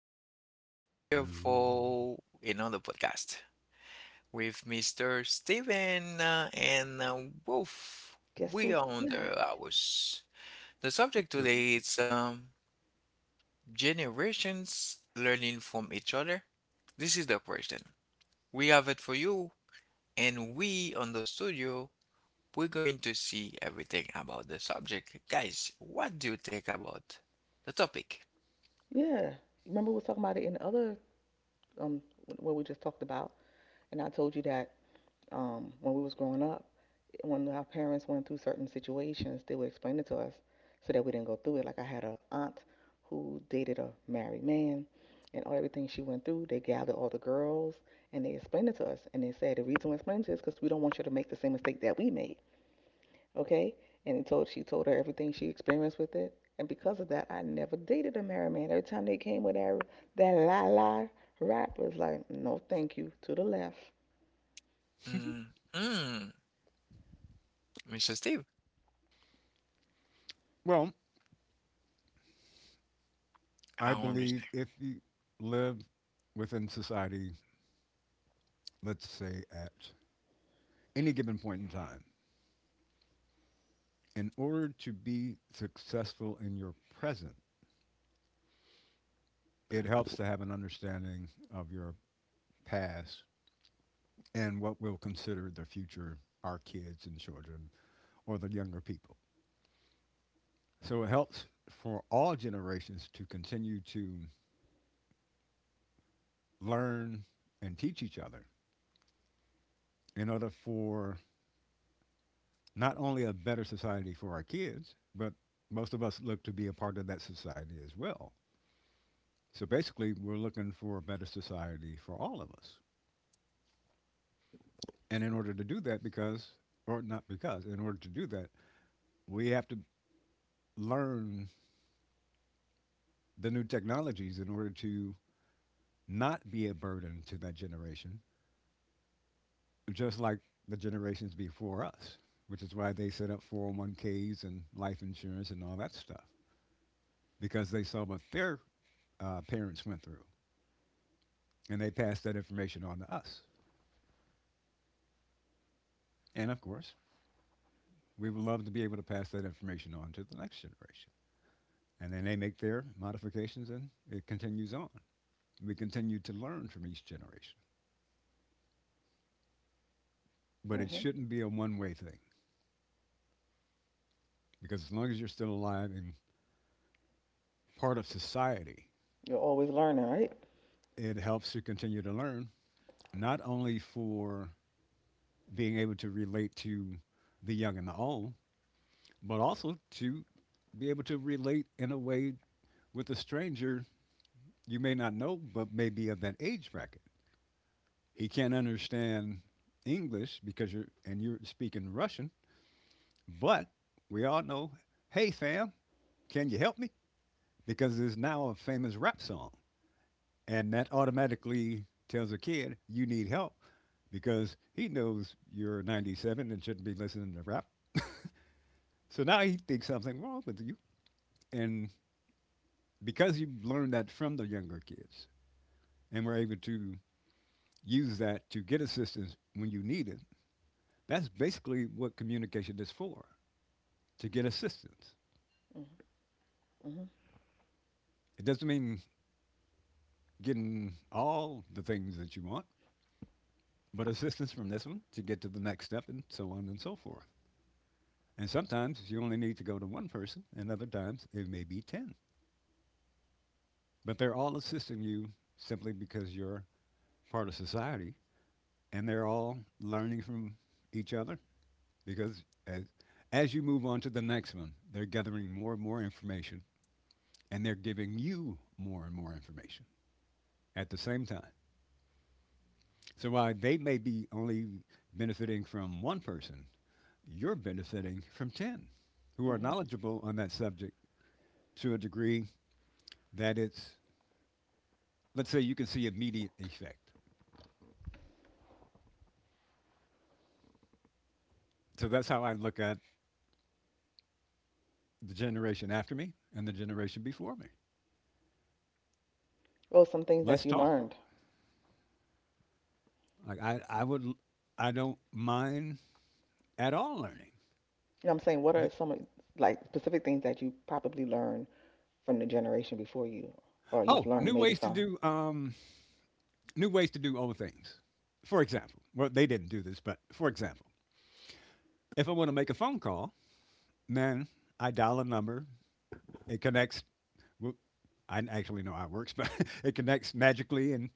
guys. We are here Hello. for another podcast with Mr. Steven and Wolf. Guess We who's are on the back? hours. The subject Hello. today is generations learning from each other. This is the question. We have it for you, and we on the studio, we're going to see everything about the subject. Guys, what do you think about the topic? Yeah. Remember we was talking about it in the other what we just talked about, and I told you that when we was growing up, when our parents went through certain situations, they would explain it to us so that we didn't go through it. Like I had a aunt who dated a married man, and all everything she went through, they gathered all the girls and they explained it to us, and they said the reason we explained it is because we don't want you to make the same mistake that we made. Okay? And he told she told her everything she experienced with it. And because of that, I never dated a married man. Every time they came with that la la rap, was like no, thank you, to the left. Mm-hmm. Mr. Steven. well, I I don't believe understand. if you live within society, let's say at any given point in time, in order to be successful in your present, it helps to have an understanding of your past and what we'll consider the future, our kids and children, or the younger people. So it helps for all generations to continue to learn and teach each other in order for not only a better society for our kids, but most of us look to be a part of that society as well. So basically, we're looking for a better society for all of us. And in order to do that, because, or not because, in order to do that, we have to learn the new technologies in order to not be a burden to that generation, just like the generations before us, which is why they set up 401ks and life insurance and all that stuff, because they saw what their parents went through. And they pass that information on to us. And of course, we would love to be able to pass that information on to the next generation. And then they make their modifications and it continues on. We continue to learn from each generation. But it Hmm. shouldn't be a one way thing because as long as you're still alive and part of society, You're always learning, right? it helps to continue to learn, not only for being able to relate to the young and the old, but also to be able to relate in a way with a stranger you may not know, but may be of that age bracket. He can't understand English because you're speaking Russian, but we all know, hey fam, can you help me? Because there's now a famous rap song, and that automatically tells a kid you need help because he knows you're 97 and shouldn't be listening to rap. So now he thinks something wrong with you, and because you learned that from the younger kids and we're able to use that to get assistance when you need it, that's basically what communication is for, to get assistance. Mm-hmm. It doesn't mean getting all the things that you want, but assistance from this one to get to the next step and so on and so forth. And sometimes you only need to go to one person, and other times it may be 10. But they're all assisting you simply because you're part of society and they're all learning from each other because as you move on to the next one, they're gathering more and more information and they're giving you more and more information at the same time. So while they may be only benefiting from one person, you're benefiting from 10 who are Hmm. knowledgeable on that subject to a degree that let's say, you can see immediate effect. So that's how I look at the generation after me and the generation before me. Well, some things that Let's you talk. learned. Like I, I would, I don't mind at all learning. You know what I'm saying? What are B- some like specific things that you probably learned from the generation before you, or you've Oh, learned new maybe ways to from do, new ways to do old things. For example, well, they didn't do this, but for example, if I want to make a phone call, then I dial a number. It connects. Well, I actually know how it works, but it connects magically, and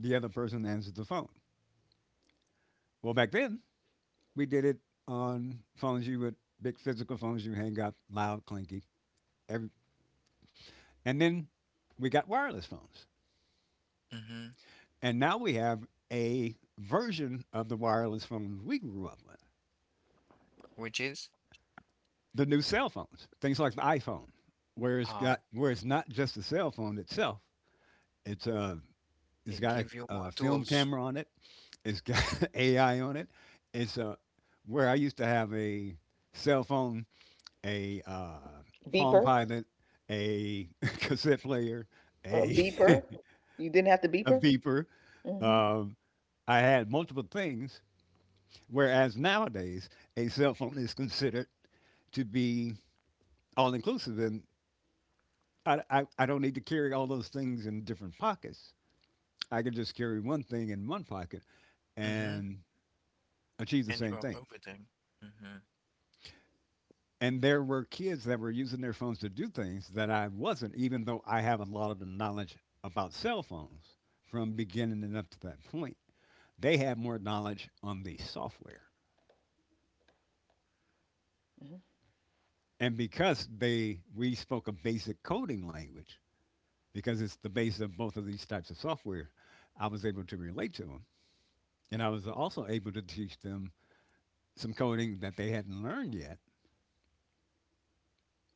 the other person answers the phone. Well, back then we did it on phones you would, big physical phones you hang up, loud, clinky. Every, and then we got wireless phones, Hmm. and now we have a version of the wireless phones we grew up with, Which is, the new cell phones, things like the iPhone, where it's uh, got where it's not just a cell phone itself. It's a it's it got give you more a film tools. camera on it. It's got AI on it. It's a Where I used to have a cell phone, a Palm beeper, Pilot, a cassette player, a beeper? You didn't have to a beeper. beeper. Hmm. Um, I had multiple things, whereas nowadays a cell phone is considered to be all inclusive, and I don't need to carry all those things in different pockets. I can just carry one thing in one pocket Mm-hmm. and achieve the And you same are thing. vomiting. Mm-hmm. And there were kids that were using their phones to do things that I wasn't, even though I have a lot of the knowledge about cell phones from beginning and up to that point. They had more knowledge on the software. Hmm. And because they we spoke a basic coding language, because it's the base of both of these types of software, I was able to relate to them. And I was also able to teach them some coding that they hadn't learned yet,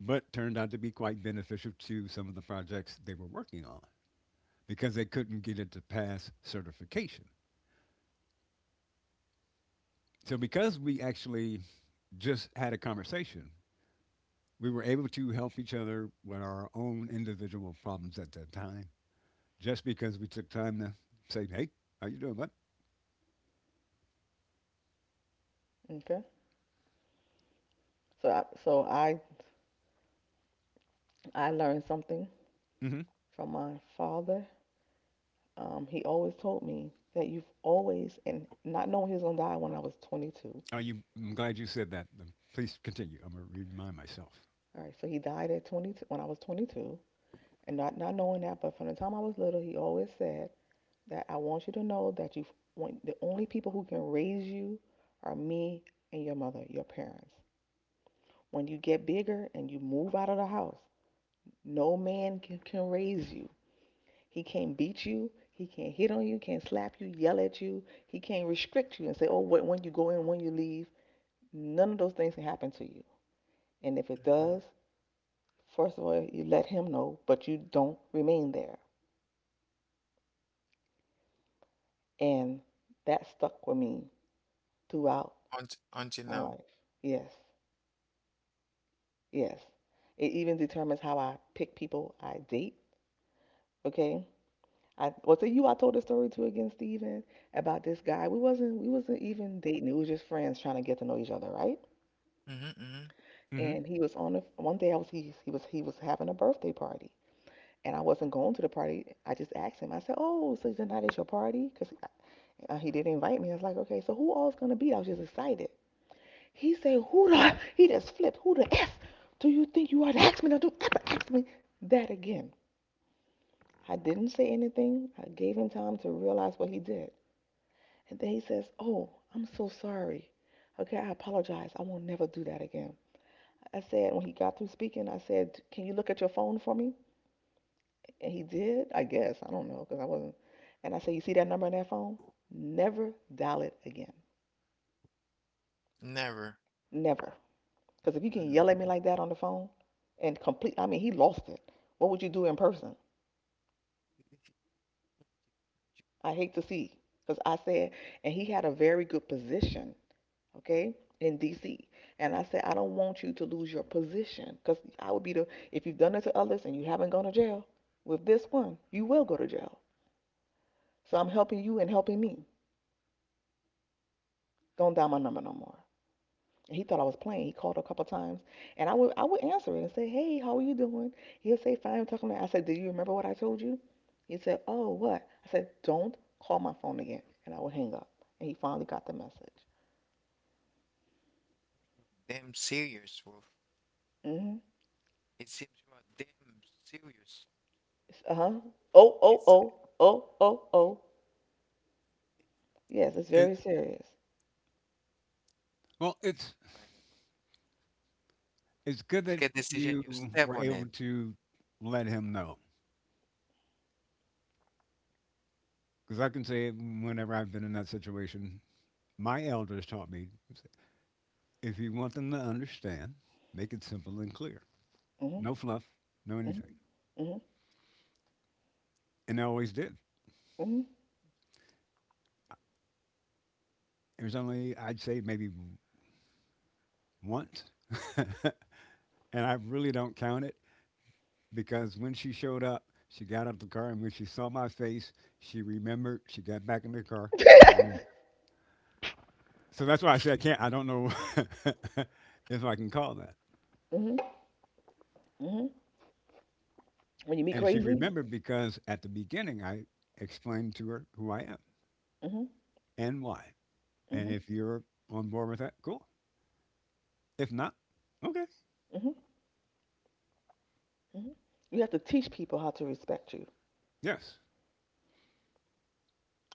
but turned out to be quite beneficial to some of the projects they were working on, because they couldn't get it to pass certification. So, because we actually just had a conversation, we were able to help each other with our own individual problems at that time, just because we took time to say, "Hey, how you doing, bud?" Okay. So I learned something Mm-hmm. from my father. He always told me that you've always, and not knowing he was gonna die when I was 22. Are you? I'm glad you said that. Please continue. I'm gonna remind myself. All right, so he died at 22 when I was 22, and not knowing that, but from the time I was little, he always said that I want you to know that you've when the only people who can raise you are me and your mother, your parents. When you get bigger and you move out of the house, no man can raise you. He can't beat you. He can't hit on you. Can't slap you. Yell at you. He can't restrict you and say, "Oh, when you go in, when you leave." None of those things can happen to you. And if it Mm-hmm. does, first of all, you let him know, but you don't remain there. And that stuck with me throughout Until my life. now. Yes, yes. It even determines how I pick people I date. Okay. I Well, to you, I told a story to again, Steven, about this guy. We wasn't even dating. It was just friends trying to get to know each other, right? Mm-hmm. Mm-hmm. Mm-hmm. and he was on the One day I was he was having a birthday party and I wasn't going to the party. I just asked him. I said, "Oh, so tonight is your party?" Because he didn't invite me. I was like, "Okay, so who all's gonna be?" I was just excited. He said, "Who the?" He just flipped. Who the f? Do you think you ought to ask me? Now, don't ever ask me that again. I didn't say anything. I gave him time to realize what he did. And then he says, "Oh, I'm so sorry. Okay, I apologize. I won't never do that again." I said when he got through speaking, I said, "Can you look at your phone for me?" And he did, I guess. I don't know because I wasn't. And I said, "You see that number on that phone? Never dial it again. Never. Never." Because if you can Mm-hmm. yell at me like that on the phone and complete, I mean, he lost it. What would you do in person? I hate to see. Because I said, and he had a very good position, okay, in DC. And I said, I don't want you to lose your position. Because I would be the, if you've done it to others and you haven't gone to jail, with this one, you will go to jail. So I'm helping you and helping me. Don't dial my number no more. He thought I was playing. He called a couple times, and I would answer it and say, "Hey, how are you doing?" He'll say, "Fine, I'm talking to." you." I said, "Do you remember what I told you?" He said, "Oh, what?" I said, "Don't call my phone again," and I would hang up. And he finally got the message. Damn serious, Wolf. Mm-hmm. It seems you are damn serious. Uh huh. Oh, oh, It's, oh, oh, oh, oh. Yes, it's It, very serious. It's it's like that, good right? that Take a decision, you you step were on able it. to let him know, because I can say whenever I've been in that situation, my elders taught me, if you want them to understand, make it simple and clear. Mhm. No fluff, no Mhm. anything. Mhm. And they always did. Mhm. It was only, I'd say, maybe once. And I really don't count it because when she showed up, she got out of the car, and when she saw my face, she remembered. She got back in the car and left. So that's why I say I can't. I don't know if I can call that. Mhm. Mhm. When you meet And she crazy. remembered because at the beginning I explained to her who I am Mhm. and why. And Mhm. if you're on board with that, cool. If not, okay, Mhm. Mhm. You have to teach people how to respect you. yes.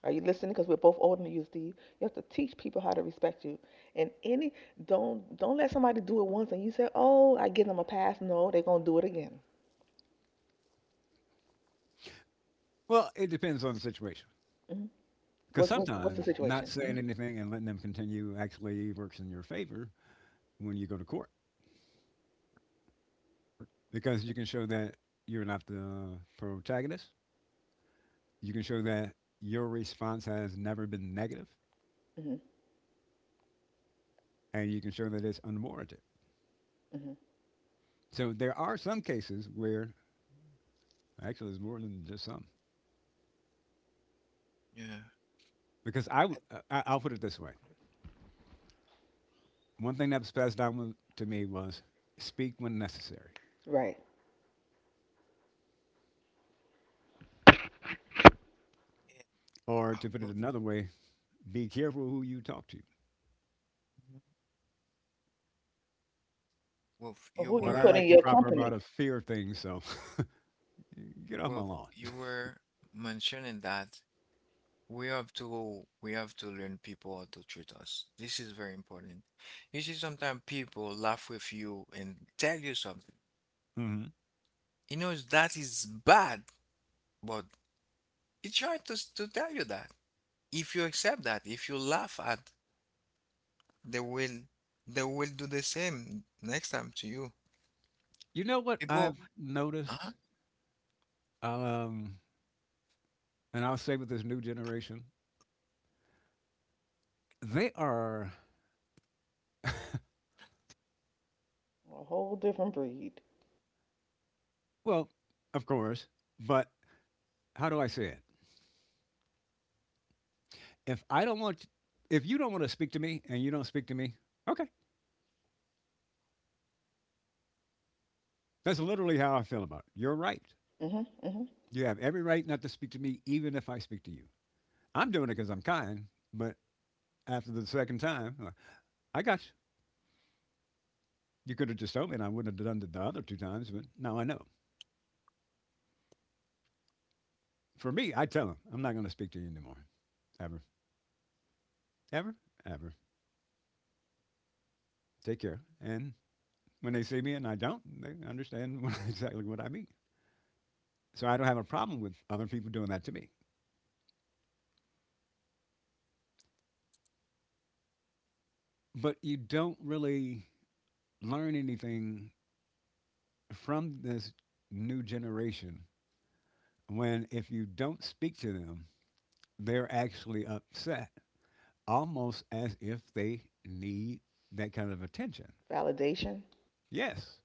Are you listening? Because we're both older than you, Steve. You have to teach people how to respect you. And any don't let somebody do it once and you say, "Oh, I give them a pass." No, they're gonna do it again. Well, it depends on the situation. Hmm. Because What's the sometimes situation? not Hmm. saying anything and letting them continue actually works in your favor when you go to court. Because you can show that you're not the protagonist. You can show that your response has never been negative, Hmm. and you can show that it's unwarranted. Hmm. So there are some cases where, actually, there's more than just some. Yeah. Because I, w- I- I'll put it this way, one thing that was passed down to me was speak when necessary. Right. And, Or oh, to put it Wolf, another way, be careful who you talk to. mhm. Wolf, Or you who you But I put were like in the your proper company? amount of fear things, so get off my Well, lawn. you were mentioning that we have to learn people how to treat us. This is very important. You see, sometimes people laugh with you and tell you something. Hmm. He knows that is bad, but he tried to tell you that. If you accept that, if you laugh at, they will they will do the same next time to you. You know what People, I've uh-huh. noticed? Um, and I'll say with this new generation, they are, A whole different breed. well, of course, but how do I say it? If I don't want, if you don't want to speak to me and you don't speak to me, okay. That's literally how I feel about it. You're right. Hmm. Hmm. You have every right not to speak to me, even if I speak to you. I'm doing it because I'm kind, but after the second time, I got, you could have just told me, and I wouldn't have done it the other two times. But now I know. For me, I tell them I'm not going to speak to you anymore, ever, ever, ever. Take care. And when they see me and I don't, they understand exactly what I mean. So I don't have a problem with other people doing that to me. But you don't really learn anything from this new generation when if you don't speak to them, they're actually upset, almost as if they need that kind of attention. Validation. Yes,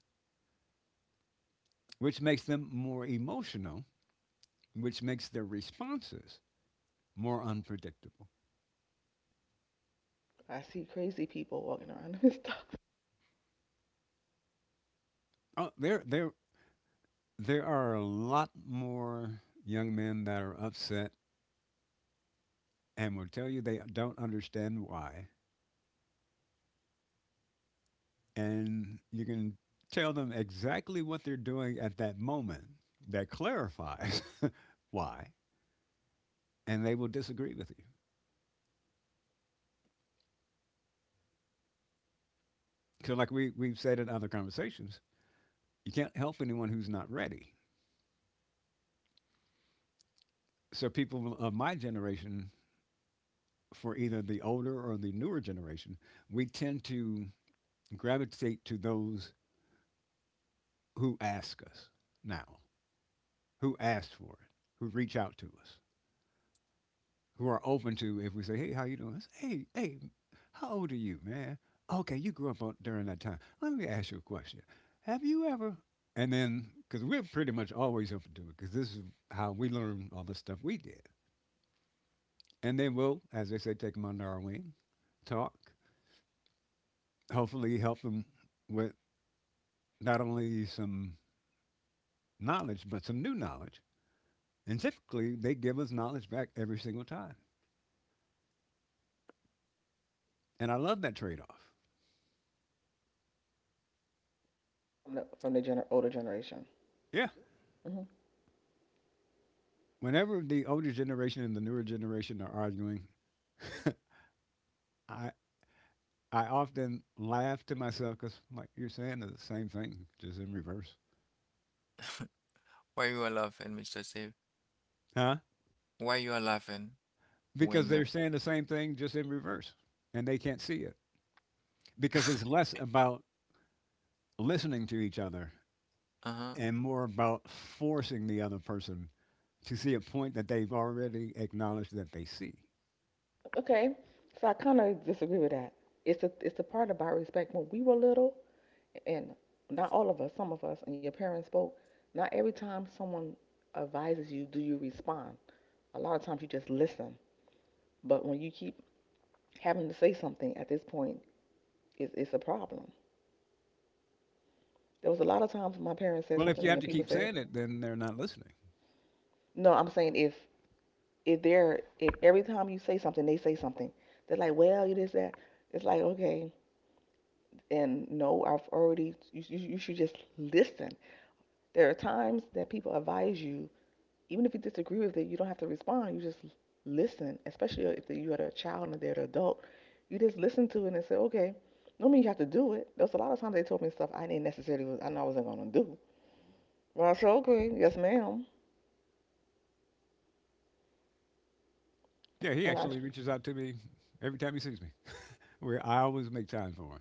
which makes them more emotional, which makes their responses more unpredictable. I see crazy people walking around and stuff Oh, there are a lot more young men that are upset and will tell you they don't understand why. And you can tell them exactly what they're doing at that moment that clarifies why, and they will disagree with you. So, like we've said in other conversations, you can't help anyone who's not ready. So, people of my generation for either the older or the newer generation, we tend to gravitate to those who ask us now, who ask for it, who reach out to us, who are open to, if we say, "Hey, how you doing?" It's, "Hey, hey, how old are you, man?" Okay, you grew up on, during that time. Let me ask you a question. Have you ever? And then, because we're pretty much always open to it, because this is how we learn all the stuff we did. And then we'll, as they say, take them under our wing, talk, hopefully help them with not only some knowledge, but some new knowledge. And typically, they give us knowledge back every single time. And I love that trade off. Older generation. Yeah. Hmm. Whenever the older generation and the newer generation are arguing, I, I often laugh to myself because, like, you're saying the same thing, just in reverse. Why you are laughing, Mr. Steve? Huh? Why you are laughing Because when the— they're saying the same thing, just in reverse. And they can't see it. Because it's less about listening to each other uh-huh. and more about forcing the other person to see a point that they've already acknowledged that they see. Okay, so I kind of disagree with that. It's the part about respect. When we were little, and not all of us, some of us, and your parents spoke, not every time someone advises you do you respond. A lot of times you just listen. But when you keep having to say something at this point, it's a problem. There was a lot of times my parents said Well, something if to you me have and to people keep said, saying it, then they're not listening. no, I'm saying if every time you say something they say something, they're like, well, you that. It's like okay, and no, I've already. You should just listen. There are times that people advise you even if you disagree with it, you don't have to respond. You just listen, especially if you're a child and they're an adult. You just listen to it and say, okay, don't mean you have to do it. There's a lot of times they told me stuff I didn't necessarily, was, I know I wasn't going to do. But I said, okay, yes, ma'am. Yeah, he And I, actually reaches out to me every time he sees me. Where I always make time for him.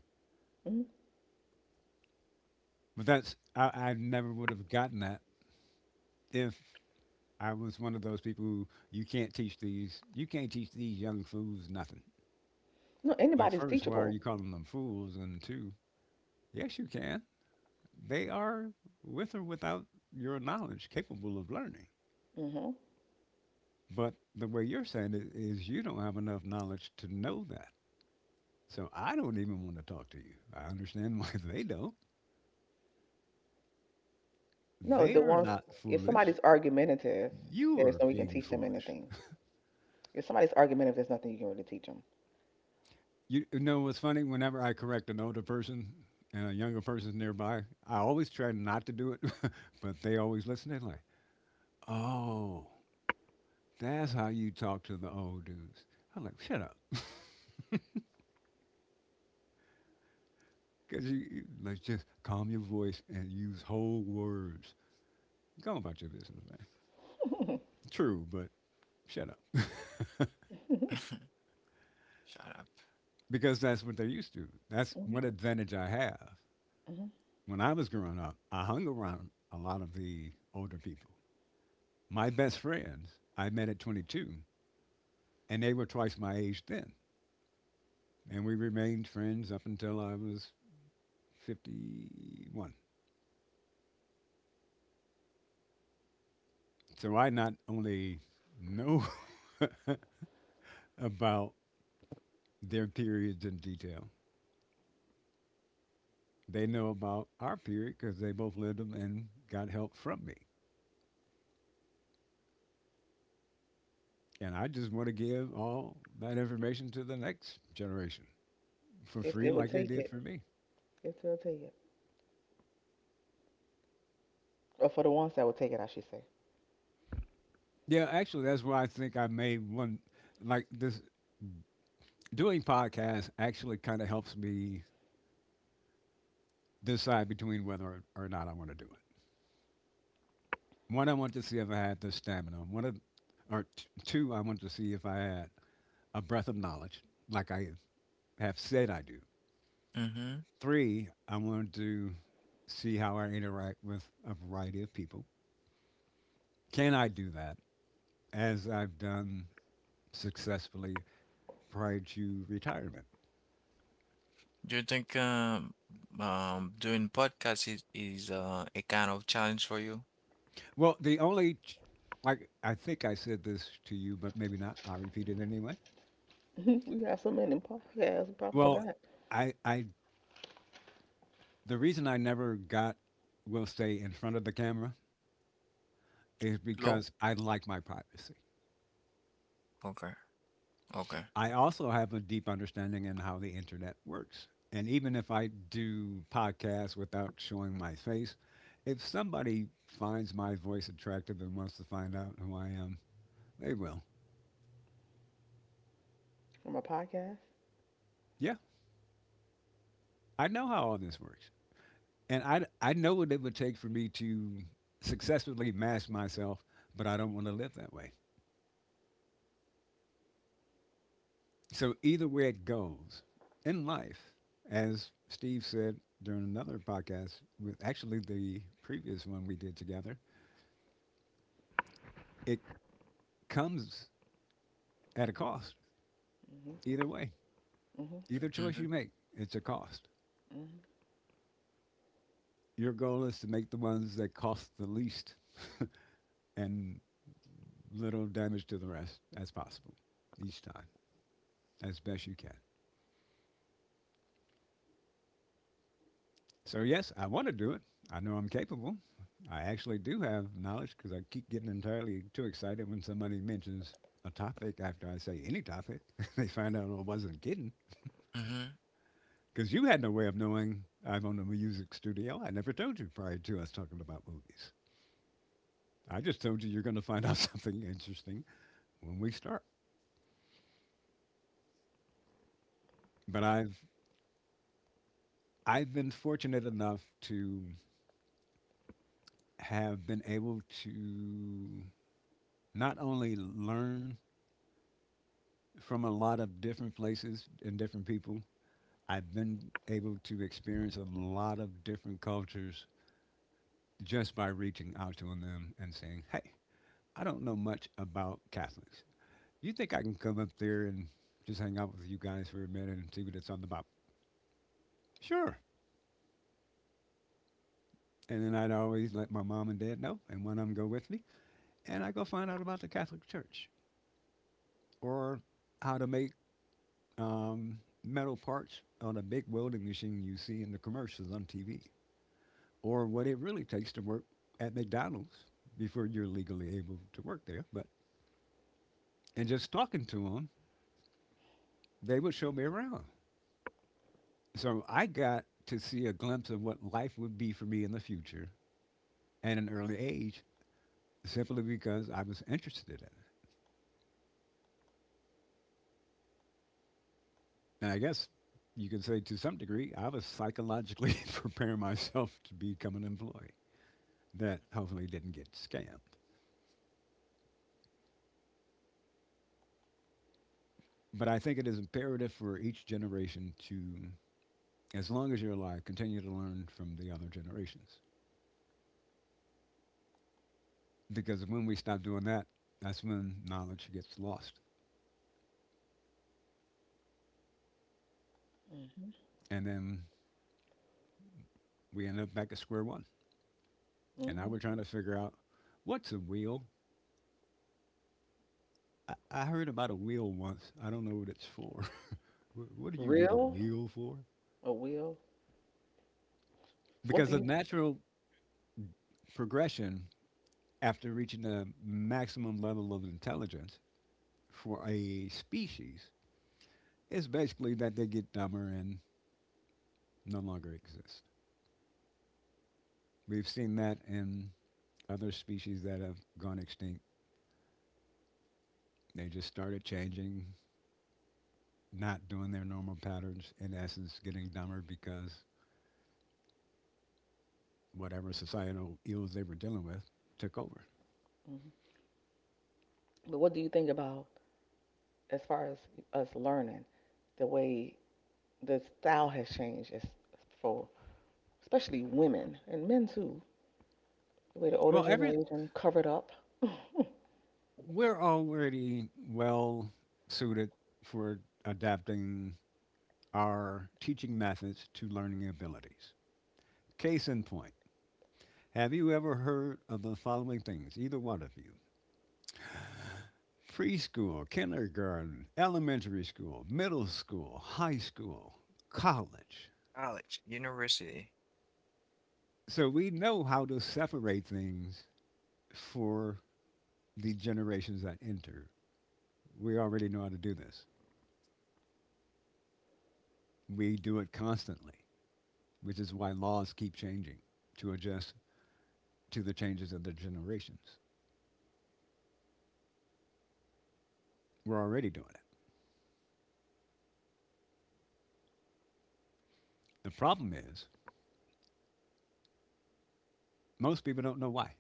mm But I never would have gotten that if I was one of those people who you can't teach these young fools nothing. No, Like anybody's first, why are teachable. you calling them fools? And two, yes you can. They are with or without your knowledge capable of learning. Hmm. But the way you're saying it is you don't have enough knowledge to know that. So I don't even want to talk to you. I understand why they don't. No, They the are ones, not if foolish. somebody's argumentative, You there's are no way you can being teach them foolish. anything. If somebody's argumentative, there's nothing you can really teach them. You know what's funny? Whenever I correct an older person and a younger person's nearby, I always try not to do it, but they always listen. They're like, oh, that's how you talk to the old dudes. I'm like, shut up. Because you, like, just calm your voice and use whole words. Go about your business, true, but shut up. Hmm. Shut up. Because that's what they're used to. That's what advantage I have. Hmm. When I was growing up, I hung around a lot of the older people. My best friends I met at 22, and they were twice my age then. And we remained friends up until I was 51. So I not only know about their periods in detail, they know about our period because they both lived them and got help from me. And I just want to give all that information to the next generation for If they free, will like they take did it, for me. if they'll take it. Or for the ones that will take it, I should say. Yeah, actually, that's why I think I made one. Like this, doing podcasts actually kind of helps me decide between whether or not I want to do it. One, I want to see if I had the stamina. Or two, I want to see if I had a breadth of knowledge, like I have said I do. Mm-hmm. Three, I wanted to see how I interact with a variety of people. Can I do that? As I've done successfully prior to retirement. Do you think doing podcasts is a kind of challenge for you? Well, like, I think I said this to you, but maybe not. I'll repeat it anyway. We got so many podcasts. We probably Well, forgot I, I, the reason I never got, will stay in front of the camera is No. because I like my privacy. Okay. Okay. I also have a deep understanding in how the internet works. And even if I do podcasts without showing my face, if somebody finds my voice attractive and wants to find out who I am, they will. from a podcast. Yeah, I know how all this works. And I know what it would take for me to successfully mask myself, but I don't want to live that way. So either way it goes in life, as Steve said during another podcast with actually the previous one we did together, it comes at a cost. Mhm. Either way, Mhm. either choice Mm-hmm. you make, it's a cost. Mhm. Your goal is to make the ones that cost the least and little damage to the rest as possible each time as best you can. So, yes, I want to do it. I know I'm capable. I actually do have knowledge because I keep getting entirely too excited when somebody mentions a topic after I say any topic. They find out I wasn't kidding Mm-hmm. because you had no way of knowing I'm on a music studio. I never told you prior to us talking about movies. I just told you you're going to find out something interesting when we start. But I've been fortunate enough to have been able to not only learn from a lot of different places and different people. I've been able to experience a lot of different cultures just by reaching out to them and saying, "Hey, I don't know much about Catholics. You think I can come up there and just hang out with you guys for a minute and see what it's all about?" Sure. And then I'd always let my mom and dad know, and one of them go with me, and I go find out about the Catholic Church or how to make metal parts on a big welding machine you see in the commercials on TV, or what it really takes to work at McDonald's before you're legally able to work there. But and just talking to them, they would show me around. So I got to see a glimpse of what life would be for me in the future at an early age, simply because I was interested in it. And I guess you could say to some degree, I was psychologically preparing myself to become an employee that hopefully didn't get scammed. But I think it is imperative for each generation to as long as you're alive, continue to learn from the other generations. Because when we stop doing that, that's when knowledge gets lost. Mhm. And then we end up back at square one. And now Mhm. we're trying to figure out what's a wheel? I heard about a wheel once. I don't know what it's for. What do you need a Real wheel for? or will? So what Because do the you? natural progression after reaching a maximum level of intelligence for a species is basically that they get dumber and no longer exist. We've seen that in other species that have gone extinct, they just started changing, not doing their normal patterns, in essence, getting dumber because whatever societal ills they were dealing with took over. Mhm. But what do you think about as far as us learning the way the style has changed as for especially women and men too? The way the older Well, every generation covered up. we're already well suited for adapting our teaching methods to learning abilities. Case in point, have you ever heard of the following things, either one of you? Preschool, kindergarten, elementary school, middle school, high school, college. College, university, So we know how to separate things for the generations that enter. We already know how to do this. We do it constantly, which is why laws keep changing to adjust to the changes of the generations. We're already doing it. The problem is, most people don't know why.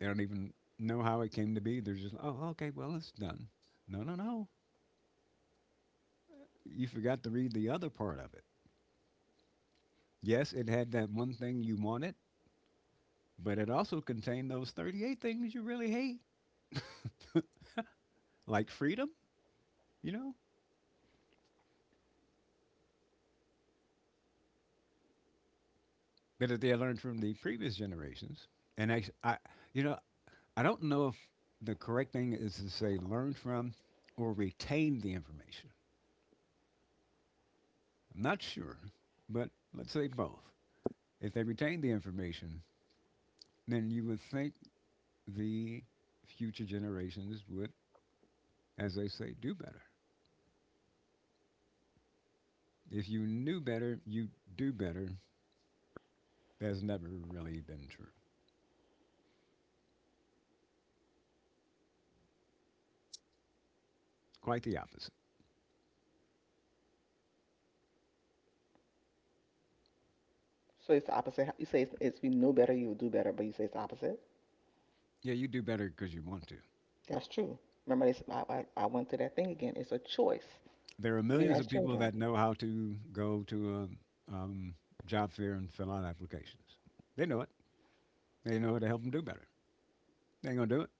They don't even know how it came to be. They're just, like, oh, okay, well, it's done. No, no, no. You forgot to read the other part of it. Yes, it had that one thing you wanted, but it also contained those 38 things you really hate, like freedom, you know, that they learned from the previous generations. And you know, I don't know if the correct thing is to say learn from or retain the information. I'm not sure, but let's say both. If they retain the information, then you would think the future generations would, as they say, do better. If you knew better, you do better. That's never really been true. Quite the opposite. So it's the opposite. You say it's we know better, you would do better, but you say it's the opposite. Yeah, you do better because you want to. That's true. Remember, they, s- I went through that thing again. It's a choice, There are even millions as of people children. that know how to go to a job fair and fill out applications. They know it. They know how to help them do better. They ain't gonna do it.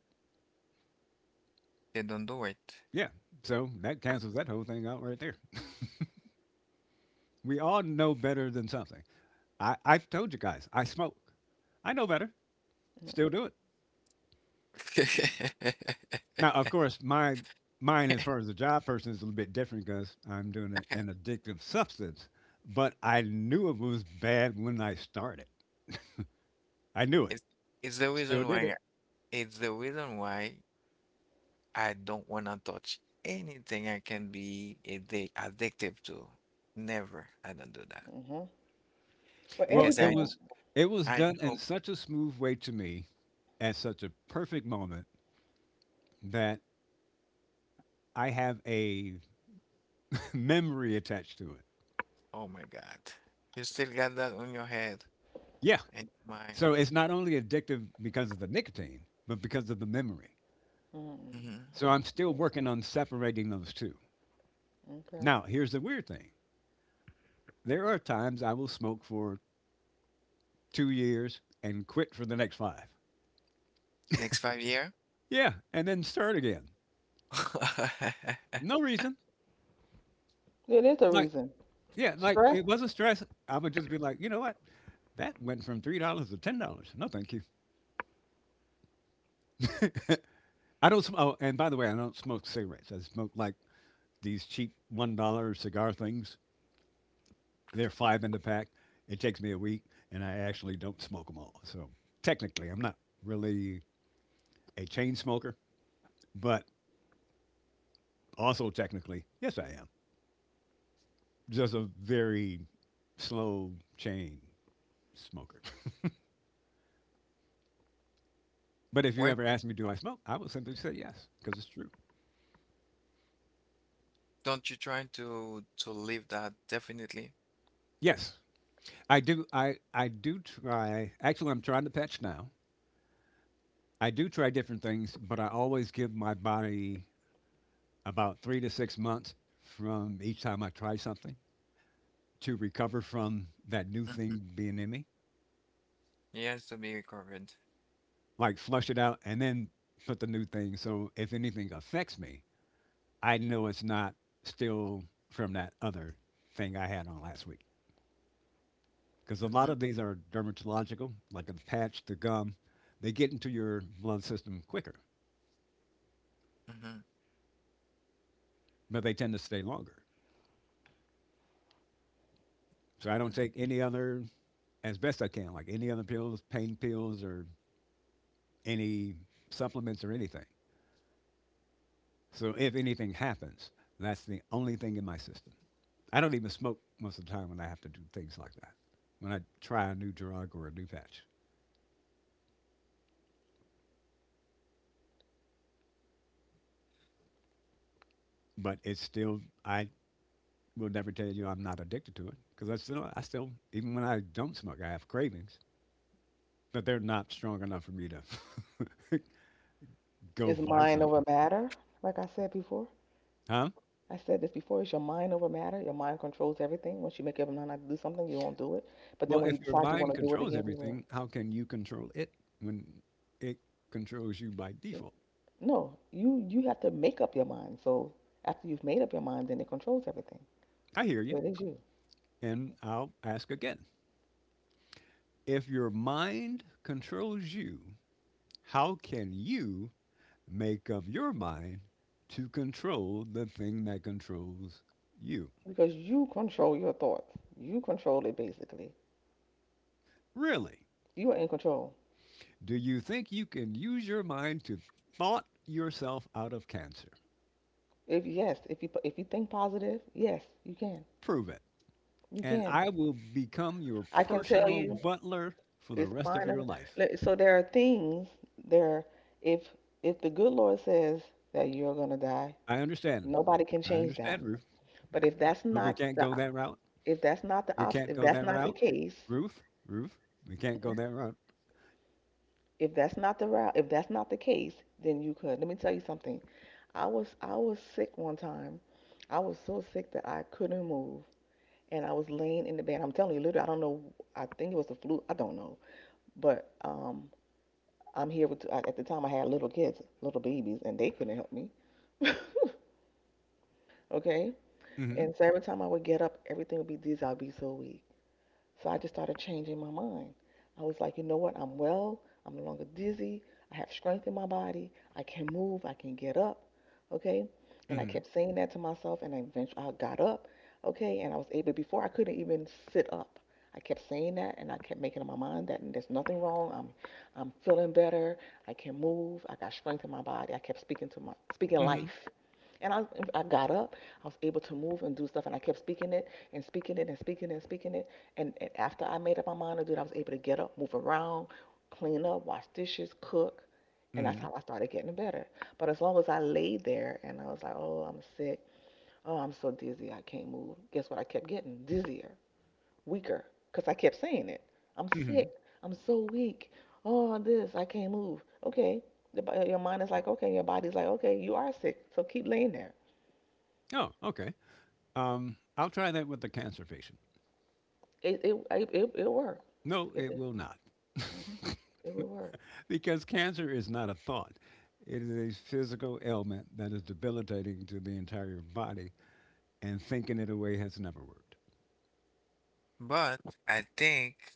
they don't do it. Yeah. So that cancels that whole thing out right there. We all know better than something. I've told you guys, I smoke. I know better. Still do it. Now, of course, my mine as far as a job person is a little bit different because I'm doing a, an addictive substance. But I knew it was bad when I started. I knew it. It's, it's the Still reason did why it. it's the reason why I don't wanna touch anything I can be addictive to. Never. I don't do that Mm-hmm. Well, Well, because it I everything. was it was I done in know. such a smooth way to me at such a perfect moment that I have a memory attached to it. Oh my God. You still got that on your head Yeah. and mind. So it's not only addictive because of the nicotine, but because of the memory. Mm-hmm. Mhm. So I'm still Yeah. working on separating those two. Okay. Now, here's the weird thing. There are times I will smoke for 2 years and quit for the next five. Next 5 year? Yeah, and then start again. No reason. It is a Like, reason. yeah, like Stress it wasn't stress. I would just be like, you know what? That went from $3 to $10. No, thank you. I don't. Oh, and by the way, I don't smoke cigarettes. I smoke like these cheap $1 cigar things. They're five in the pack. It takes me a week, and I actually don't smoke them all. So technically, I'm not really a chain smoker, but also technically, yes, I am. Just a very slow chain smoker. But if you Why ever ask me, do I smoke? I will simply say yes, because it's true. don't you try to leave that definitely? Yes, I do. I do try. Actually, I'm trying to patch now. I do try different things, but I always give my body about 3 to 6 months from each time I try something to recover from that new Mm, thing being in me. it has to be recovered. Like flush it out and then put the new thing. So if anything affects me, I know it's not still from that other thing I had on last week. Because a lot Mhm, of these are dermatological, like a patch to gum. They get into your blood system quicker, mhm, but they tend to stay longer. So I don't mhm. take any other, as best I can, like any other pills, pain pills, or any supplements or anything. So if anything happens, that's the only thing in my system. I don't even smoke most of the time when I have to do things like that, when I try a new drug or a new patch. But it's still, I will never tell you I'm not addicted to it because I still, even when I don't smoke, I have cravings, but they're not strong enough for me to go is buy mind over something, matter. Like I said before, huh? I said this before. It's your mind over matter. Your mind controls everything. Once you make up your mind not to do something, you don't do it. But Well, then when if you your decide you want mind to do it controls again, you will. everything, how can you control it when it controls you by It, default? no, you have to make up your mind. So after you've made up your mind, then it controls everything. I hear you, So it is you and I'll ask again. If your mind controls you, how can you make up your mind to control the thing that controls you? because you control your thoughts. You control it basically. Really? You are in control. Do you think you can use your mind to thought yourself out of cancer? If yes, if you think positive, yes, you can. Prove it, You and can. I will become your I can tell personal you butler for the it's rest of fine. Your life. So there are things there. If if the good Lord says that you're gonna die, I understand. nobody can I change that. understand, Ruth, But but we can't go that route. We can't if go that's that not the route. case, Ruth, Ruth, we can't go mhm, that route. If that's not the case, then you could. Let me tell you something. I was sick one time. I was so sick that I couldn't move, and I was laying in the bed. I'm telling you, literally, I don't know. I think it was the flu. I don't know. But I'm here with, at the time I had little kids, little babies, and they couldn't help me. Okay? Mm-hmm. And so every time I would get up, everything would be dizzy. I'd be so weak. So I just started changing my mind. I was like, you know what? I'm well. I'm no longer dizzy. I have strength in my body. I can move. I can get up. Okay. And I Mm-hmm. kept saying that to myself. And I eventually I got up. Okay. And I was able, before I couldn't even sit up. I kept saying that and I kept making up my mind that there's nothing wrong. I'm feeling better. I can move. I got strength in my body. I kept speaking Mm-hmm. life. And I got up. I was able to move and do stuff. And I kept speaking it and speaking it and speaking it and speaking it. And after I made up my mind to do it, I was able to get up, move around, clean up, wash dishes, cook. And that's Mm-hmm. how I started getting better. But as long as I laid there and I was like, oh, I'm sick. Oh, I'm so dizzy. I can't move. Guess what? I kept getting dizzier, weaker, because I kept saying it. I'm Mm-hmm. sick. I'm so weak. Oh, this. I can't move. Okay. Your mind is like, okay. Your body's like, okay, you are sick. So keep laying there. Oh, okay. I'll try that with the cancer patient. It worked. No, It it did. will not. Mhm. It would work. Because cancer is not a thought. It is a physical ailment that is debilitating to the entire body, and thinking it away has never worked. But I think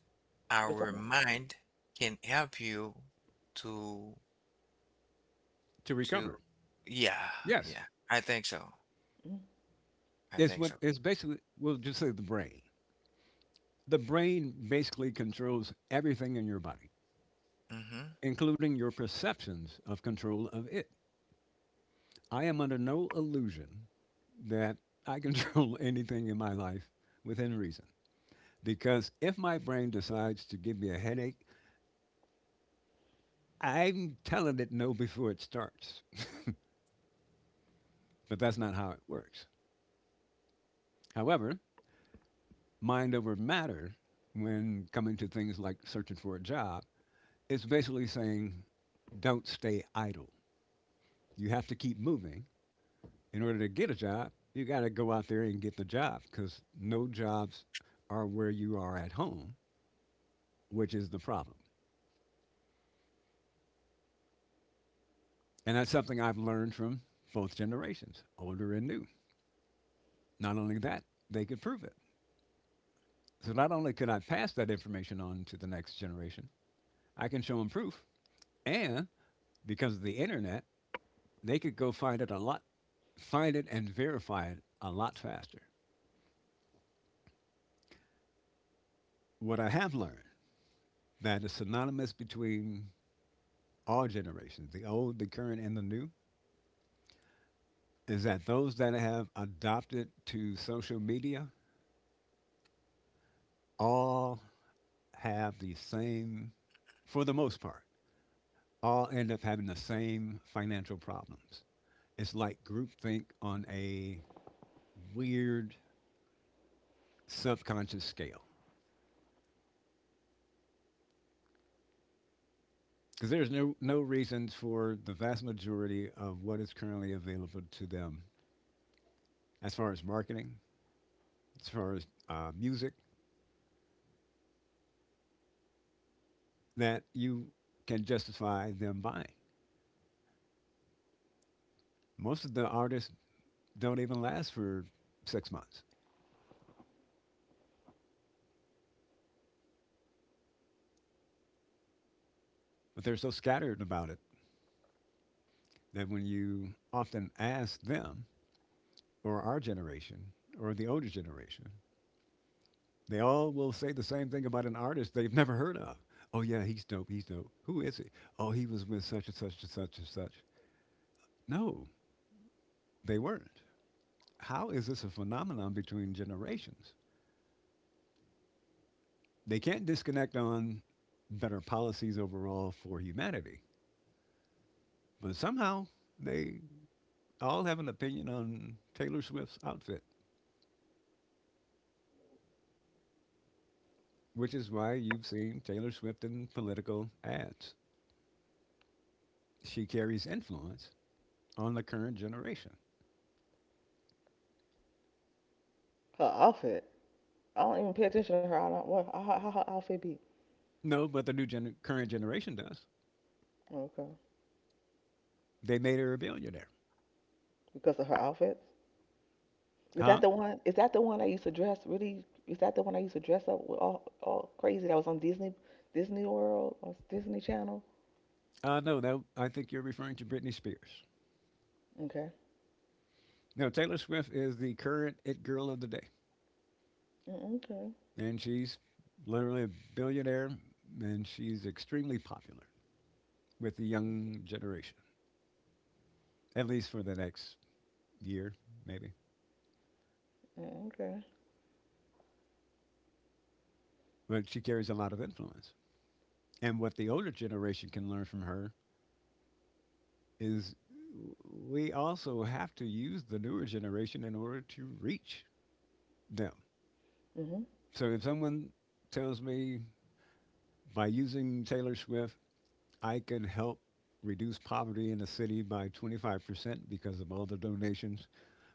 It was our something. mind can help you to To to recover, yeah, yes, yeah. I think so. Mhm. I it's think what so. it's basically. We'll just say the brain. The brain basically controls everything in your body, Hmm. including your perceptions of control of it. I am under no illusion that I control anything in my life within reason. Because if my brain decides to give me a headache, I'm telling it no before it starts, but that's not how it works. However, mind over matter, when coming to things like searching for a job, it's basically saying don't stay idle. You have to keep moving. In order to get a job, you got to go out there and get the job because no jobs are where you are at home, which is the problem. And that's something I've learned from both generations, older and new. Not only that, they could prove it. So not only can I pass that information on to the next generation, I can show them proof. And because of the internet, they could go find it a lot, find it and verify it a lot faster. What I have learned that is synonymous between all generations, the old, the current, and the new, is that those that have adopted to social media all have the same, for the most part, all end up having the same financial problems. It's like groupthink on a weird subconscious scale because there's no reasons for the vast majority of what is currently available to them as far as marketing, as far as music that you can justify them buying. Most of the artists don't even last for 6 months, but they're so scattered about it that when you often ask them or our generation or the older generation. They all will say the same thing about an artist they've never heard of. Oh, yeah, he's dope. He's dope. Who is he? Oh, he was with such and such and such and such. No, they weren't. How is this a phenomenon between generations? They can't disconnect on better policies overall for humanity, but somehow they all have an opinion on Taylor Swift's outfit, which is why you've seen Taylor Swift in political ads. She carries influence on the current generation. Her outfit. I don't even pay attention to her. I don't. What? How her outfit be? No, but the current generation does. Okay, They made her a billionaire. because of her outfits. Is that Huh? the one? Is that the one I used to dress really? Is that the one I used to dress up with all crazy? That was on Disney. Disney World or Disney Channel. No, no, I think you're referring to Britney Spears. Okay. No, Taylor Swift is the current it girl of the day, Mm, okay. and she's literally a billionaire, and she's extremely popular with the young generation, at least for the next year, maybe. Mm, okay. But she carries a lot of influence. And what the older generation can learn from her is we also have to use the newer generation in order to reach them. Mhm. So if someone tells me by using Taylor Swift, I can help reduce poverty in the city by 25% because of all the donations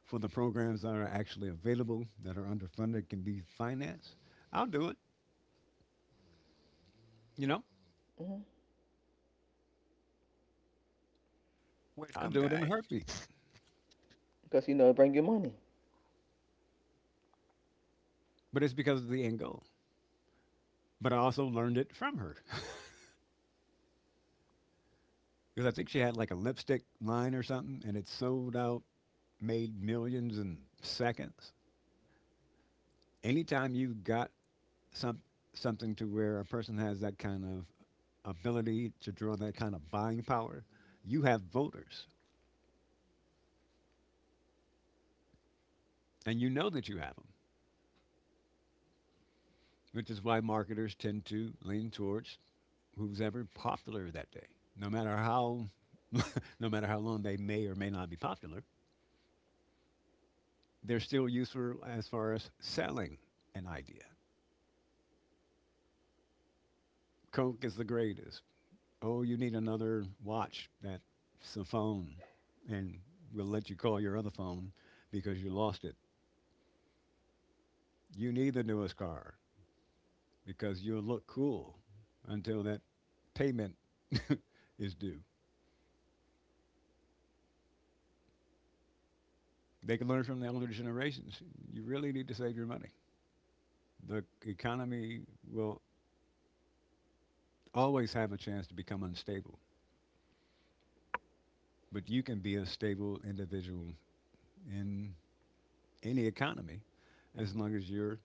for the programs that are actually available that are underfunded can be financed. I'll do it, you know, Mhm. I'll Welcome, do it in a guy. heartbeat. Because you know it bring you money. But it's because of the end goal. But I also learned it from her because I think she had like a lipstick line or something and it sold out, made millions in seconds. Anytime you got some something to where a person has that kind of ability to draw that kind of buying power, you have voters, and you know that you have them, which is why marketers tend to lean towards who's ever popular that day, no matter how no matter how long they may or may not be popular. They're still useful as far as selling an idea. Coke is the greatest. Oh, you need another watch. That's a phone, and we'll let you call your other phone because you lost it. You need the newest car because you'll look cool until that payment is due. They can learn from the older generations. You really need to save your money. The economy will always have a chance to become unstable, but you can be a stable individual in any economy as long as you're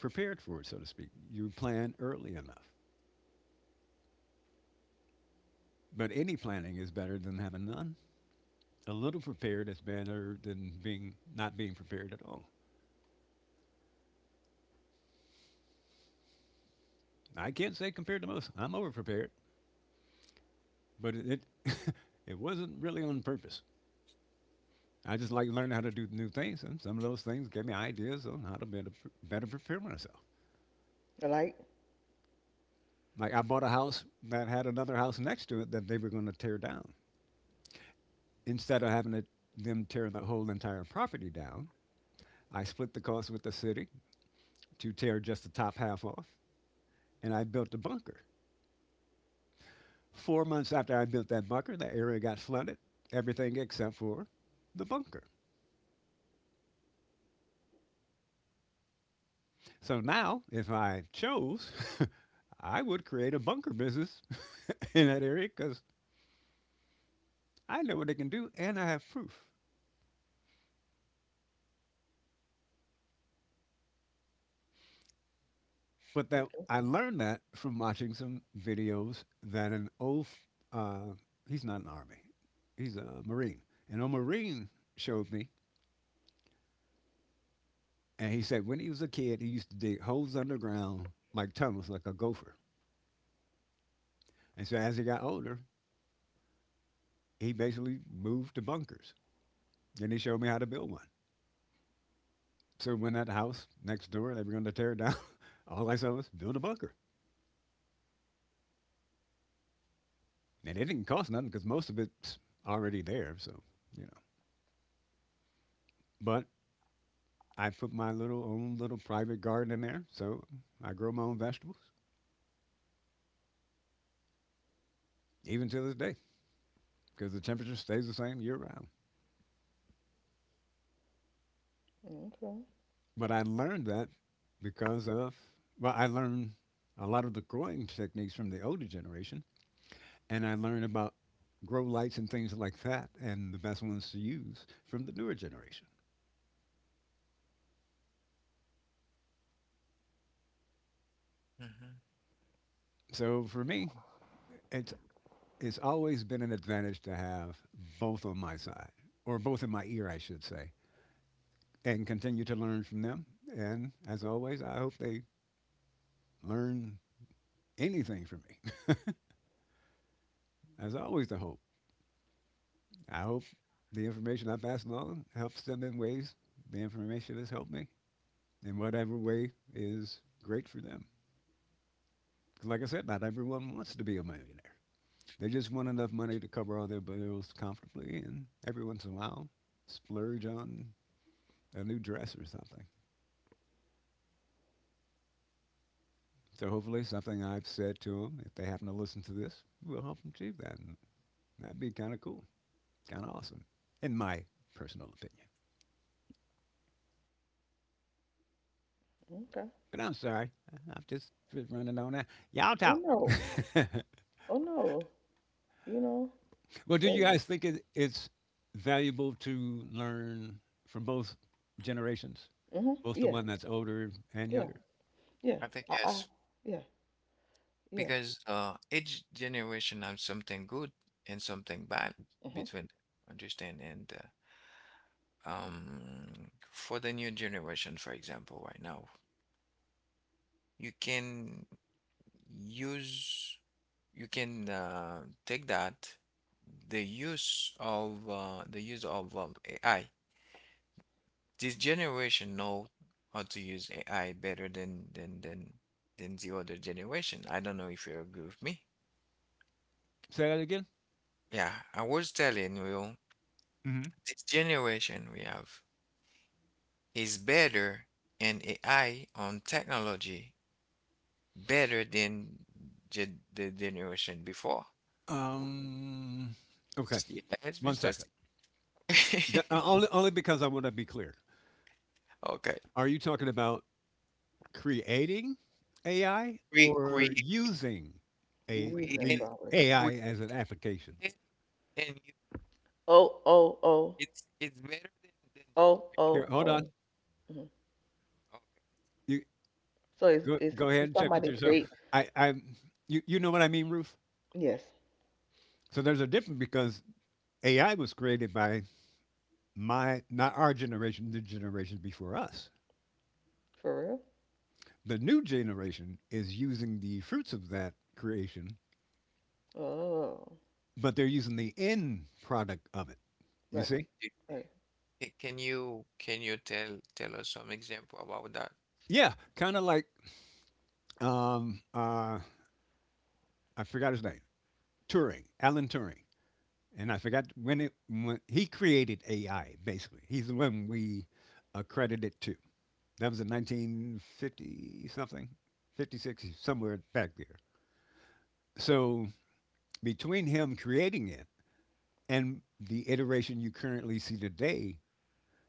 prepared for it, so to speak. You plan early enough. But any planning is better than having none. A little prepared is better than being not being prepared at all. I can't say compared to most. I'm over prepared, but it it wasn't really on purpose. I just like learning how to do new things, and some of those things gave me ideas on how to better prepare myself. Like. Like I bought a house that had another house next to it that they were going to tear down. Instead of them tear the whole entire property down, I split the cost with the city to tear just the top half off, and I built a bunker. 4 months after I built that bunker, the area got flooded, everything except for the bunker. So now, if I chose, I would create a bunker business in that area because I know what they can do and I have proof. But that Okay. I learned that from watching some videos that uh, he's not an army, he's a marine. And a marine showed me, and he said when he was a kid, he used to dig holes underground like tunnels, like a gopher. And so as he got older, he basically moved to bunkers. And he showed me how to build one. So when that house next door they were going to tear it down, all I said was build a bunker, and it didn't cost nothing because most of it's already there. So, you know, but I put my little own little private garden in there, so I grow my own vegetables even to this day because the temperature stays the same year round. Okay. But I learned that because of well, I learned a lot of the growing techniques from the older generation, and I learned about grow lights and things like that, and the best ones to use from the newer generation. Hmm. So for me, it's it's always been an advantage to have both on my side, or both in my ear, I should say, and continue to learn from them. And as always, I hope they learn anything from me. As always, the hope. I hope the information I pass along helps them in ways the information has helped me in whatever way is great for them. 'Cause like I said, not everyone wants to be a millionaire. They just want enough money to cover all their bills comfortably, and every once in a while, splurge on a new dress or something. So hopefully, something I've said to them, if they happen to listen to this, will help them achieve that. And that'd be kind of cool, kind of awesome, in my personal opinion. Okay. But I'm sorry, am just running on that. Y'all Oh, talk. no. Oh, no. You know. Well, do you That, guys think it's valuable to learn from both generations, mhm. both the Yeah. one that's older and Yeah. younger? Yeah. I think I. yes, Yeah. Yeah. because each generation has something good and something bad Mhm. between them, understand. And uh, um, for the new generation, for example, right now, you can use you can take that, the use of AI. This generation know how to use AI better than the other generation. I don't know if you agree with me. Say that again. Yeah, I was telling you. Mhm. This generation we have is better in AI on technology, better than the generation before. Um, okay, Yes, one Mr. second. Th- uh, only, only because I want to be clear. Okay. Are you talking about creating AI We or using a Using, create, the probably. create, AI as an application? and you, Oh, oh, oh, it's better than oh, Here, oh, generation. hold oh. on. Mhm. Okay. You So it's go it's go ahead he's and talking check about with they yourself. create. I, you know what I mean, Ruth. Yes, So there's a difference because AI was created by my, not our generation, the generation before us. for real. The new generation is using the fruits of that creation, Oh, but they're using the end product of it. You right, see? right. Can you tell us some example about that? Yeah, kind of like um uh I forgot his name. Turing, Alan Turing, and I forgot when it when he created AI. Basically, he's the one we accredited to. That was in 1950 something, 56 somewhere back there. So between him creating it and the iteration you currently see today,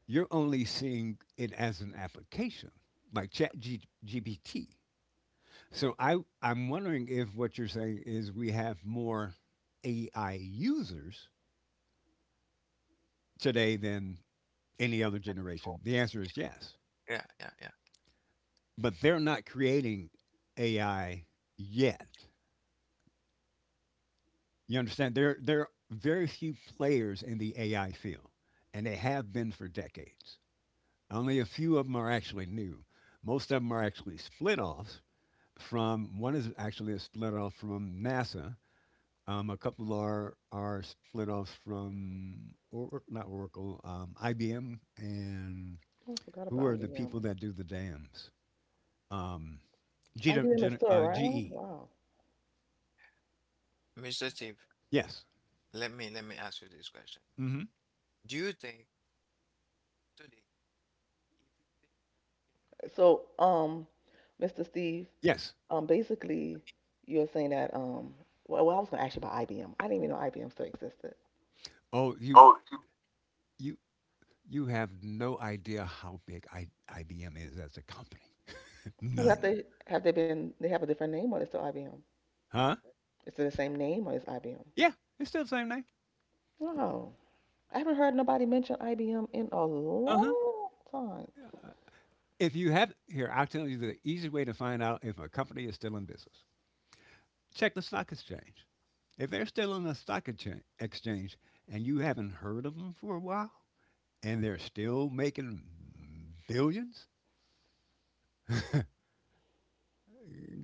you're only seeing it as an application, like Chat GPT. So I'm wondering if what you're saying is we have more AI users today than any other For generation. The answer is yes. Yeah, yeah, yeah. But they're not creating AI yet. You understand? There are very few players in the AI field, and they have been for decades. Only a few of them are actually new. Most of them are actually split offs from, one is actually a split off from NASA. A couple are, split offs from, or, not Oracle, IBM, and Oh, I forgot who about are the people IBM. that do the dams? Um, Gina, IBM is Gina still uh, around? GE. Wow. Mr. Steve. Yes. Let me ask you this question. hmm Do you think today, if you So, Mr. Steve, Yes. Basically, you're saying that well, I was gonna ask you about IBM. I didn't even know IBM still existed. Oh, you you have no idea how big IBM is as a company. Who have None. they been? They have a different name, or they still IBM? Huh? Is it the same name, or is IBM? Yeah, it's still the same name. Wow. I haven't heard nobody mention IBM in a Uh-huh. long time. Uh, If you have here, I'll tell you the easy way to find out if a company is still in business. Check the stock exchange. If they're still on the exchange and you haven't heard of them for a while and they're still making billions,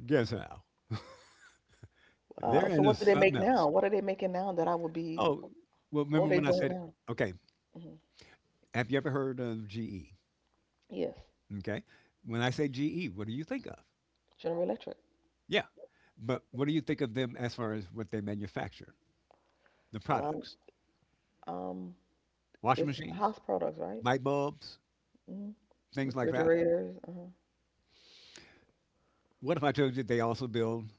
guess how? They're Wow. So into what do they something make else. now? What are they making now that I would be, Oh, well, what are remember they when I doing said, now? okay, Hmm. have you ever heard of GE? Yes. Okay. When I say GE, what do you think of? General Electric. Yeah. But what do you think of them as far as what they manufacture? The Um, products, um, washing it's machines, house products, right? light bulbs, Hmm. things like that. Refrigerators. Uh-huh. What if I told you they also build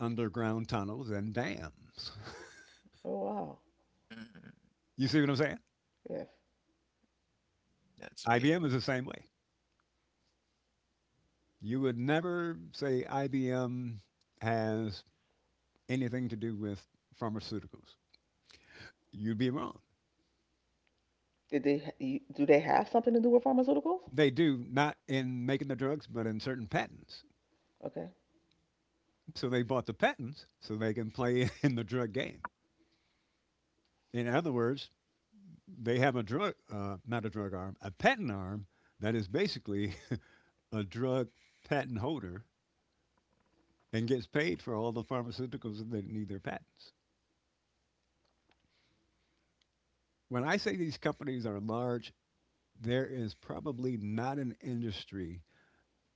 underground tunnels and dams? Oh, wow. think? Mm, You see what I'm saying? Yes. that's big. IBM is the same way. You would never say IBM has anything to do with pharmaceuticals. You'd be wrong. Did they, ha- do they have something to do with pharmaceuticals? They do not in making the drugs, but in certain patents. Okay. So they bought the patents so they can play in the drug game. In other words, they have a drug, not a drug arm, a patent arm that is basically a drug patent holder and gets paid for all the pharmaceuticals that need their patents. When I say these companies are large, there is probably not an industry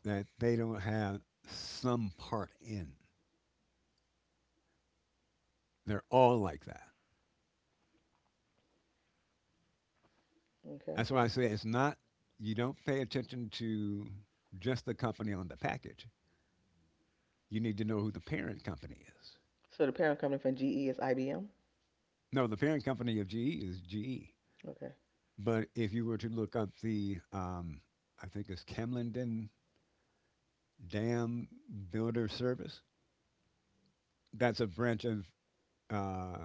that they don't have some part in. They're all like that. Okay. That's why I say it's not, you don't pay attention to just the company on the package. You need to know who the parent company is. So the parent company from GE is IBM? No, the parent company of GE is GE. Okay. But if you were to look up the, I think it's Camlenden Dam Builder Service, that's a branch of uh,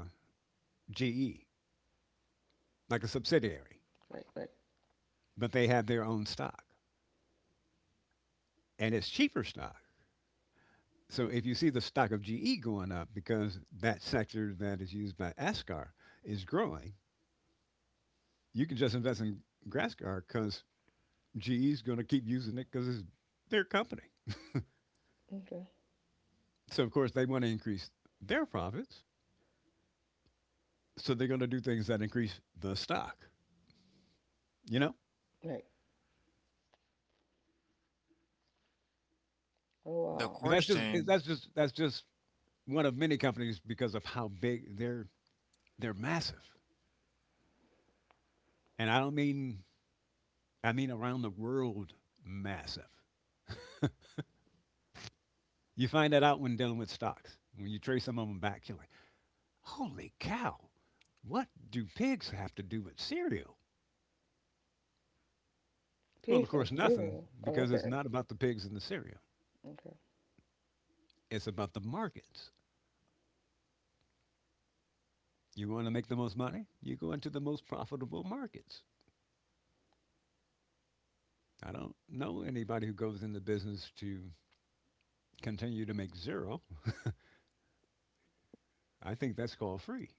GE, like a subsidiary, Right, right. but they have their own stock and it's cheaper stock. So if you see the stock of GE going up because that sector that is used by ASCAR is growing, you can just invest in Grascar because GE's going to keep using it because it's their company. Okay. So of course they want to increase their profits, so they're going to do things that increase the stock. You know, Right. Oh, The wow. but that's just question. that's just that's just one of many companies because of how big they're massive, and I don't mean, I mean around the world massive. You find that out when dealing with stocks. When you trace some of them back, you're like, holy cow, what do pigs have to do with cereal? Well, of Pigs and course, nothing cereal. Oh, because it's okay. not about the pigs and the cereal. Okay. It's about the markets. You want to make the most money? You go into the most profitable markets. I don't know anybody who goes into business to continue to make zero. I think that's called free.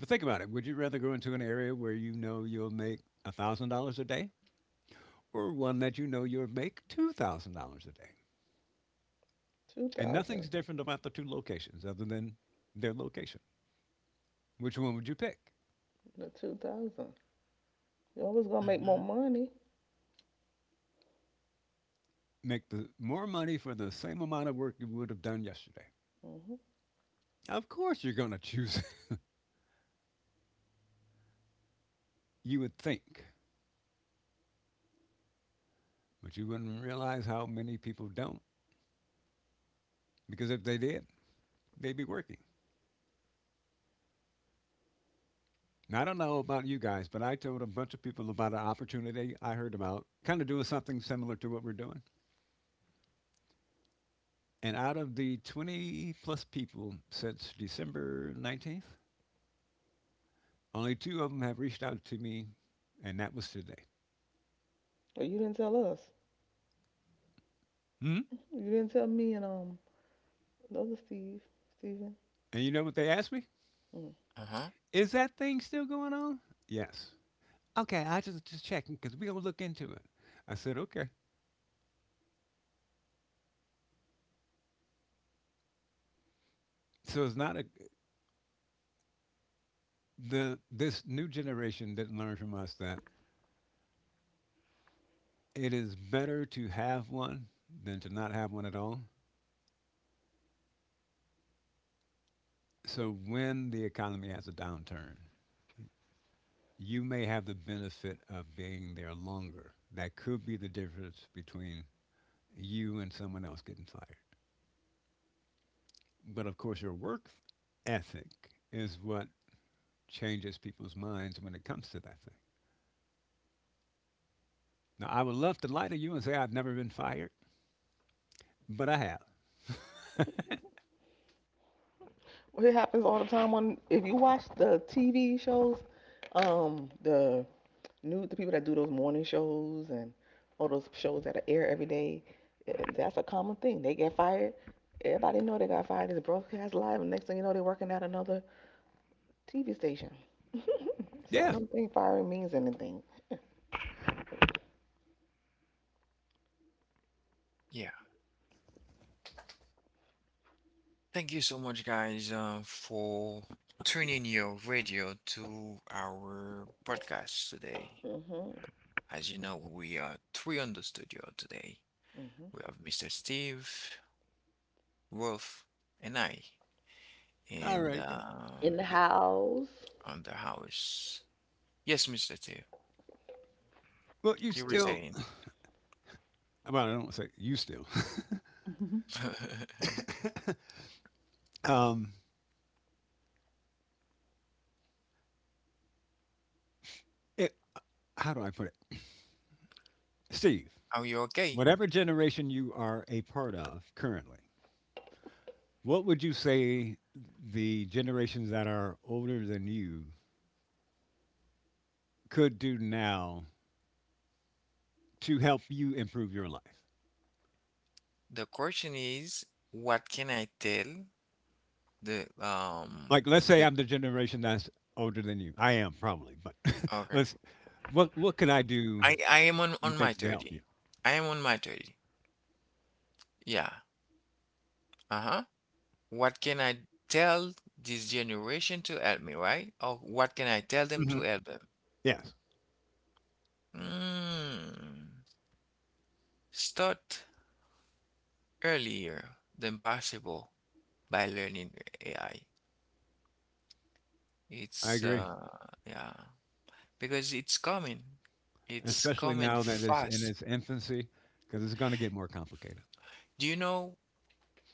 But think about it. Would you rather go into an area where you know you'll make $1,000 a day or one that you know you'll make $2,000 a day? And 2000. nothing's different about the two locations other than their location. Which one would you pick? The 2000. You're always gonna make more Hmm. money. Make the more money for the same amount of work you would have done yesterday. Mm-hmm. Of course, you're going to choose it, you would think, but you wouldn't realize how many people don't. Because if they did, they'd be working. Now, I don't know about you guys, but I told a bunch of people about an opportunity I heard about, kind of doing something similar to what we're doing. And out of the 20 plus people since December 19th, only two of them have reached out to me, and that was today. But you didn't tell us. Hmm? You didn't tell me and the other Steve, Steven. And you know what they asked me? Mm. Uh-huh. Is that thing still going on? Yes. Okay, I just checking because we gonna look into it. I said, okay. So it's not a, the this new generation didn't learn from us that it is better to have one than to not have one at all. So when the economy has a downturn, you may have the benefit of being there longer. That could be the difference between you and someone else getting fired. But of course, your work ethic is what changes people's minds when it comes to that thing. Now, I would love to lie to you and say I've never been fired, but I have. Well, it happens all the time on if you watch the TV shows, the new the people that do those morning shows and all those shows that air every day. That's a common thing. They get fired. Everybody know they got fired. It's broadcast live, and next thing you know, they're working at another TV station. So I Yeah. don't think firing means anything. Yeah. Thank you so much, guys, for tuning your radio to our podcast today. Hmm. As you know, we are three on the studio today. Hmm. We have Mr. Steve, Rolf, and I, All and right. In the house. on the house. Yes, Mr. Teo, Well, you you were still, saying. well, I don't want to say you still. Um, it, how do I put it? Steve, Are you okay? whatever generation you are a part of currently, what would you say the generations that are older than you could do now to help you improve your life? The question is, what can I tell the um Like, let's say the I'm the generation that's older than you. I am probably, but okay. let's, what could I do I am on you on my think to help you? 30. I am on my 30. Yeah. Uh-huh. What can I tell this generation to help me, right? Or what can I tell them to hmm help them? Yes. Mm. Start earlier than possible by learning AI. I It's agree, yeah, because it's coming. It's especially coming now that it's in fast. its infancy, because it's going to get more complicated. Do you know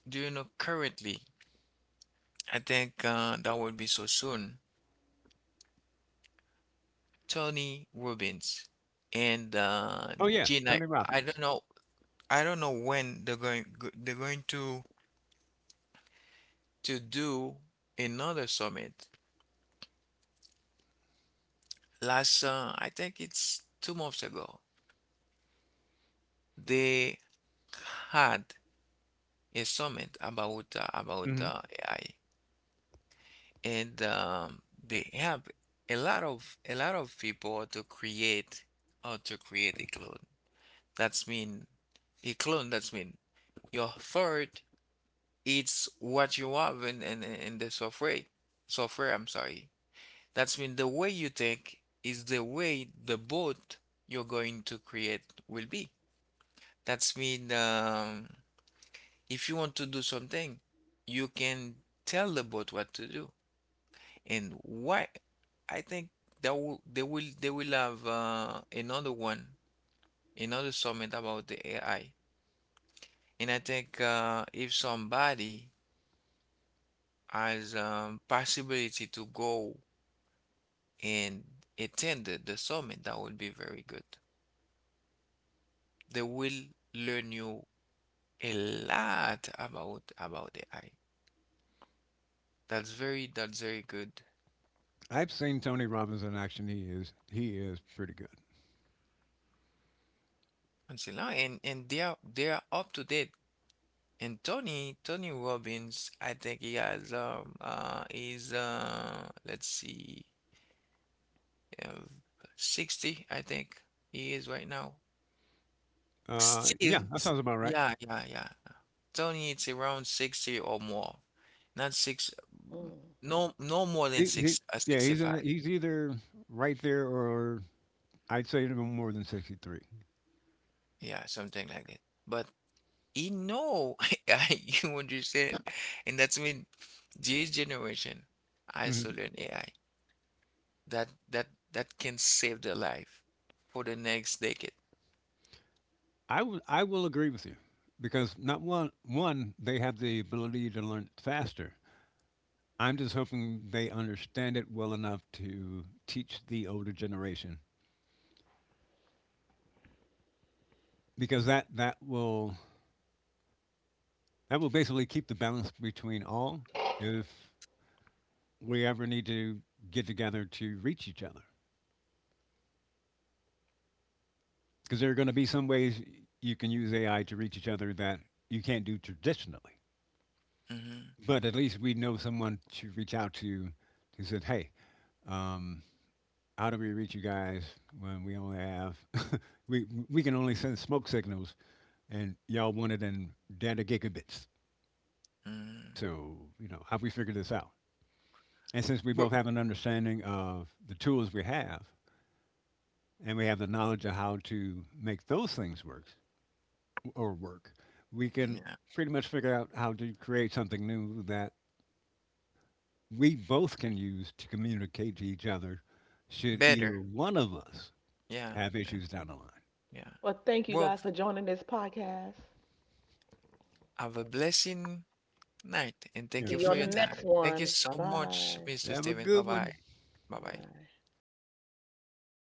do you know currently? I think that would be so soon. Tony Robbins and Oh yeah, Gina. Tony I don't Robbins. know I don't know when they're going to do another summit. Last I think it's 2 months ago. They had a summit about uh, about hmm uh, AI. And they help a lot of people to create a clone. That's mean a clone. That's mean your third. It's what you have in the software. Software. I'm sorry. That's mean the way you think is the way the bot you're going to create will be. That's mean if you want to do something, you can tell the bot what to do. And why? I think that will they will they will have another one, another summit about the AI. And I think if somebody has possibility to go and attend the summit, that would be very good. They will learn you a lot about AI. That's very good I've seen Tony Robbins in action. He is pretty good. until now, and they are up to date. And Tony Robbins, I think he's let's see, uh, 60, I think he is right now. Yeah, Still, that sounds about right. yeah, yeah, yeah. Tony, it's around 60 or more. Not six, m- Mm. no more than He, six yeah, he's in, 65. he's either right there or I'd say no more than 63. Yeah, something like that. But he know. You understand? And that's when this generation Mm-hmm. isolate A I AI. That can save their life for the next decade. I will agree with you because not one, they have the ability to learn faster. I'm just hoping they understand it well enough to teach the older generation because that that will basically keep the balance between all if we ever need to get together to reach each other, because there are going to be some ways you can use AI to reach each other that you can't do traditionally, Mm-hmm. but at least we know someone to reach out to who said, hey, um, how do we reach you guys when we only have we can only send smoke signals and y'all want it in data gigabits, Mm. so you know how we figure this out. And since we Well, both have an understanding of the tools we have, and we have the knowledge of how to make those things work or work, we can yeah, pretty much figure out how to create something new that we both can use to communicate to each other should either better. one of us Yeah, have and- issues down the line. yeah. Well, thank you Well, guys for joining this podcast. have a blessing night and Yeah, thank See you you for on the your appreciate next time. Thank you one. Bye so much, bye. it. Mr. Have a Steven. Bye good bye. one. Bye Bye bye. bye.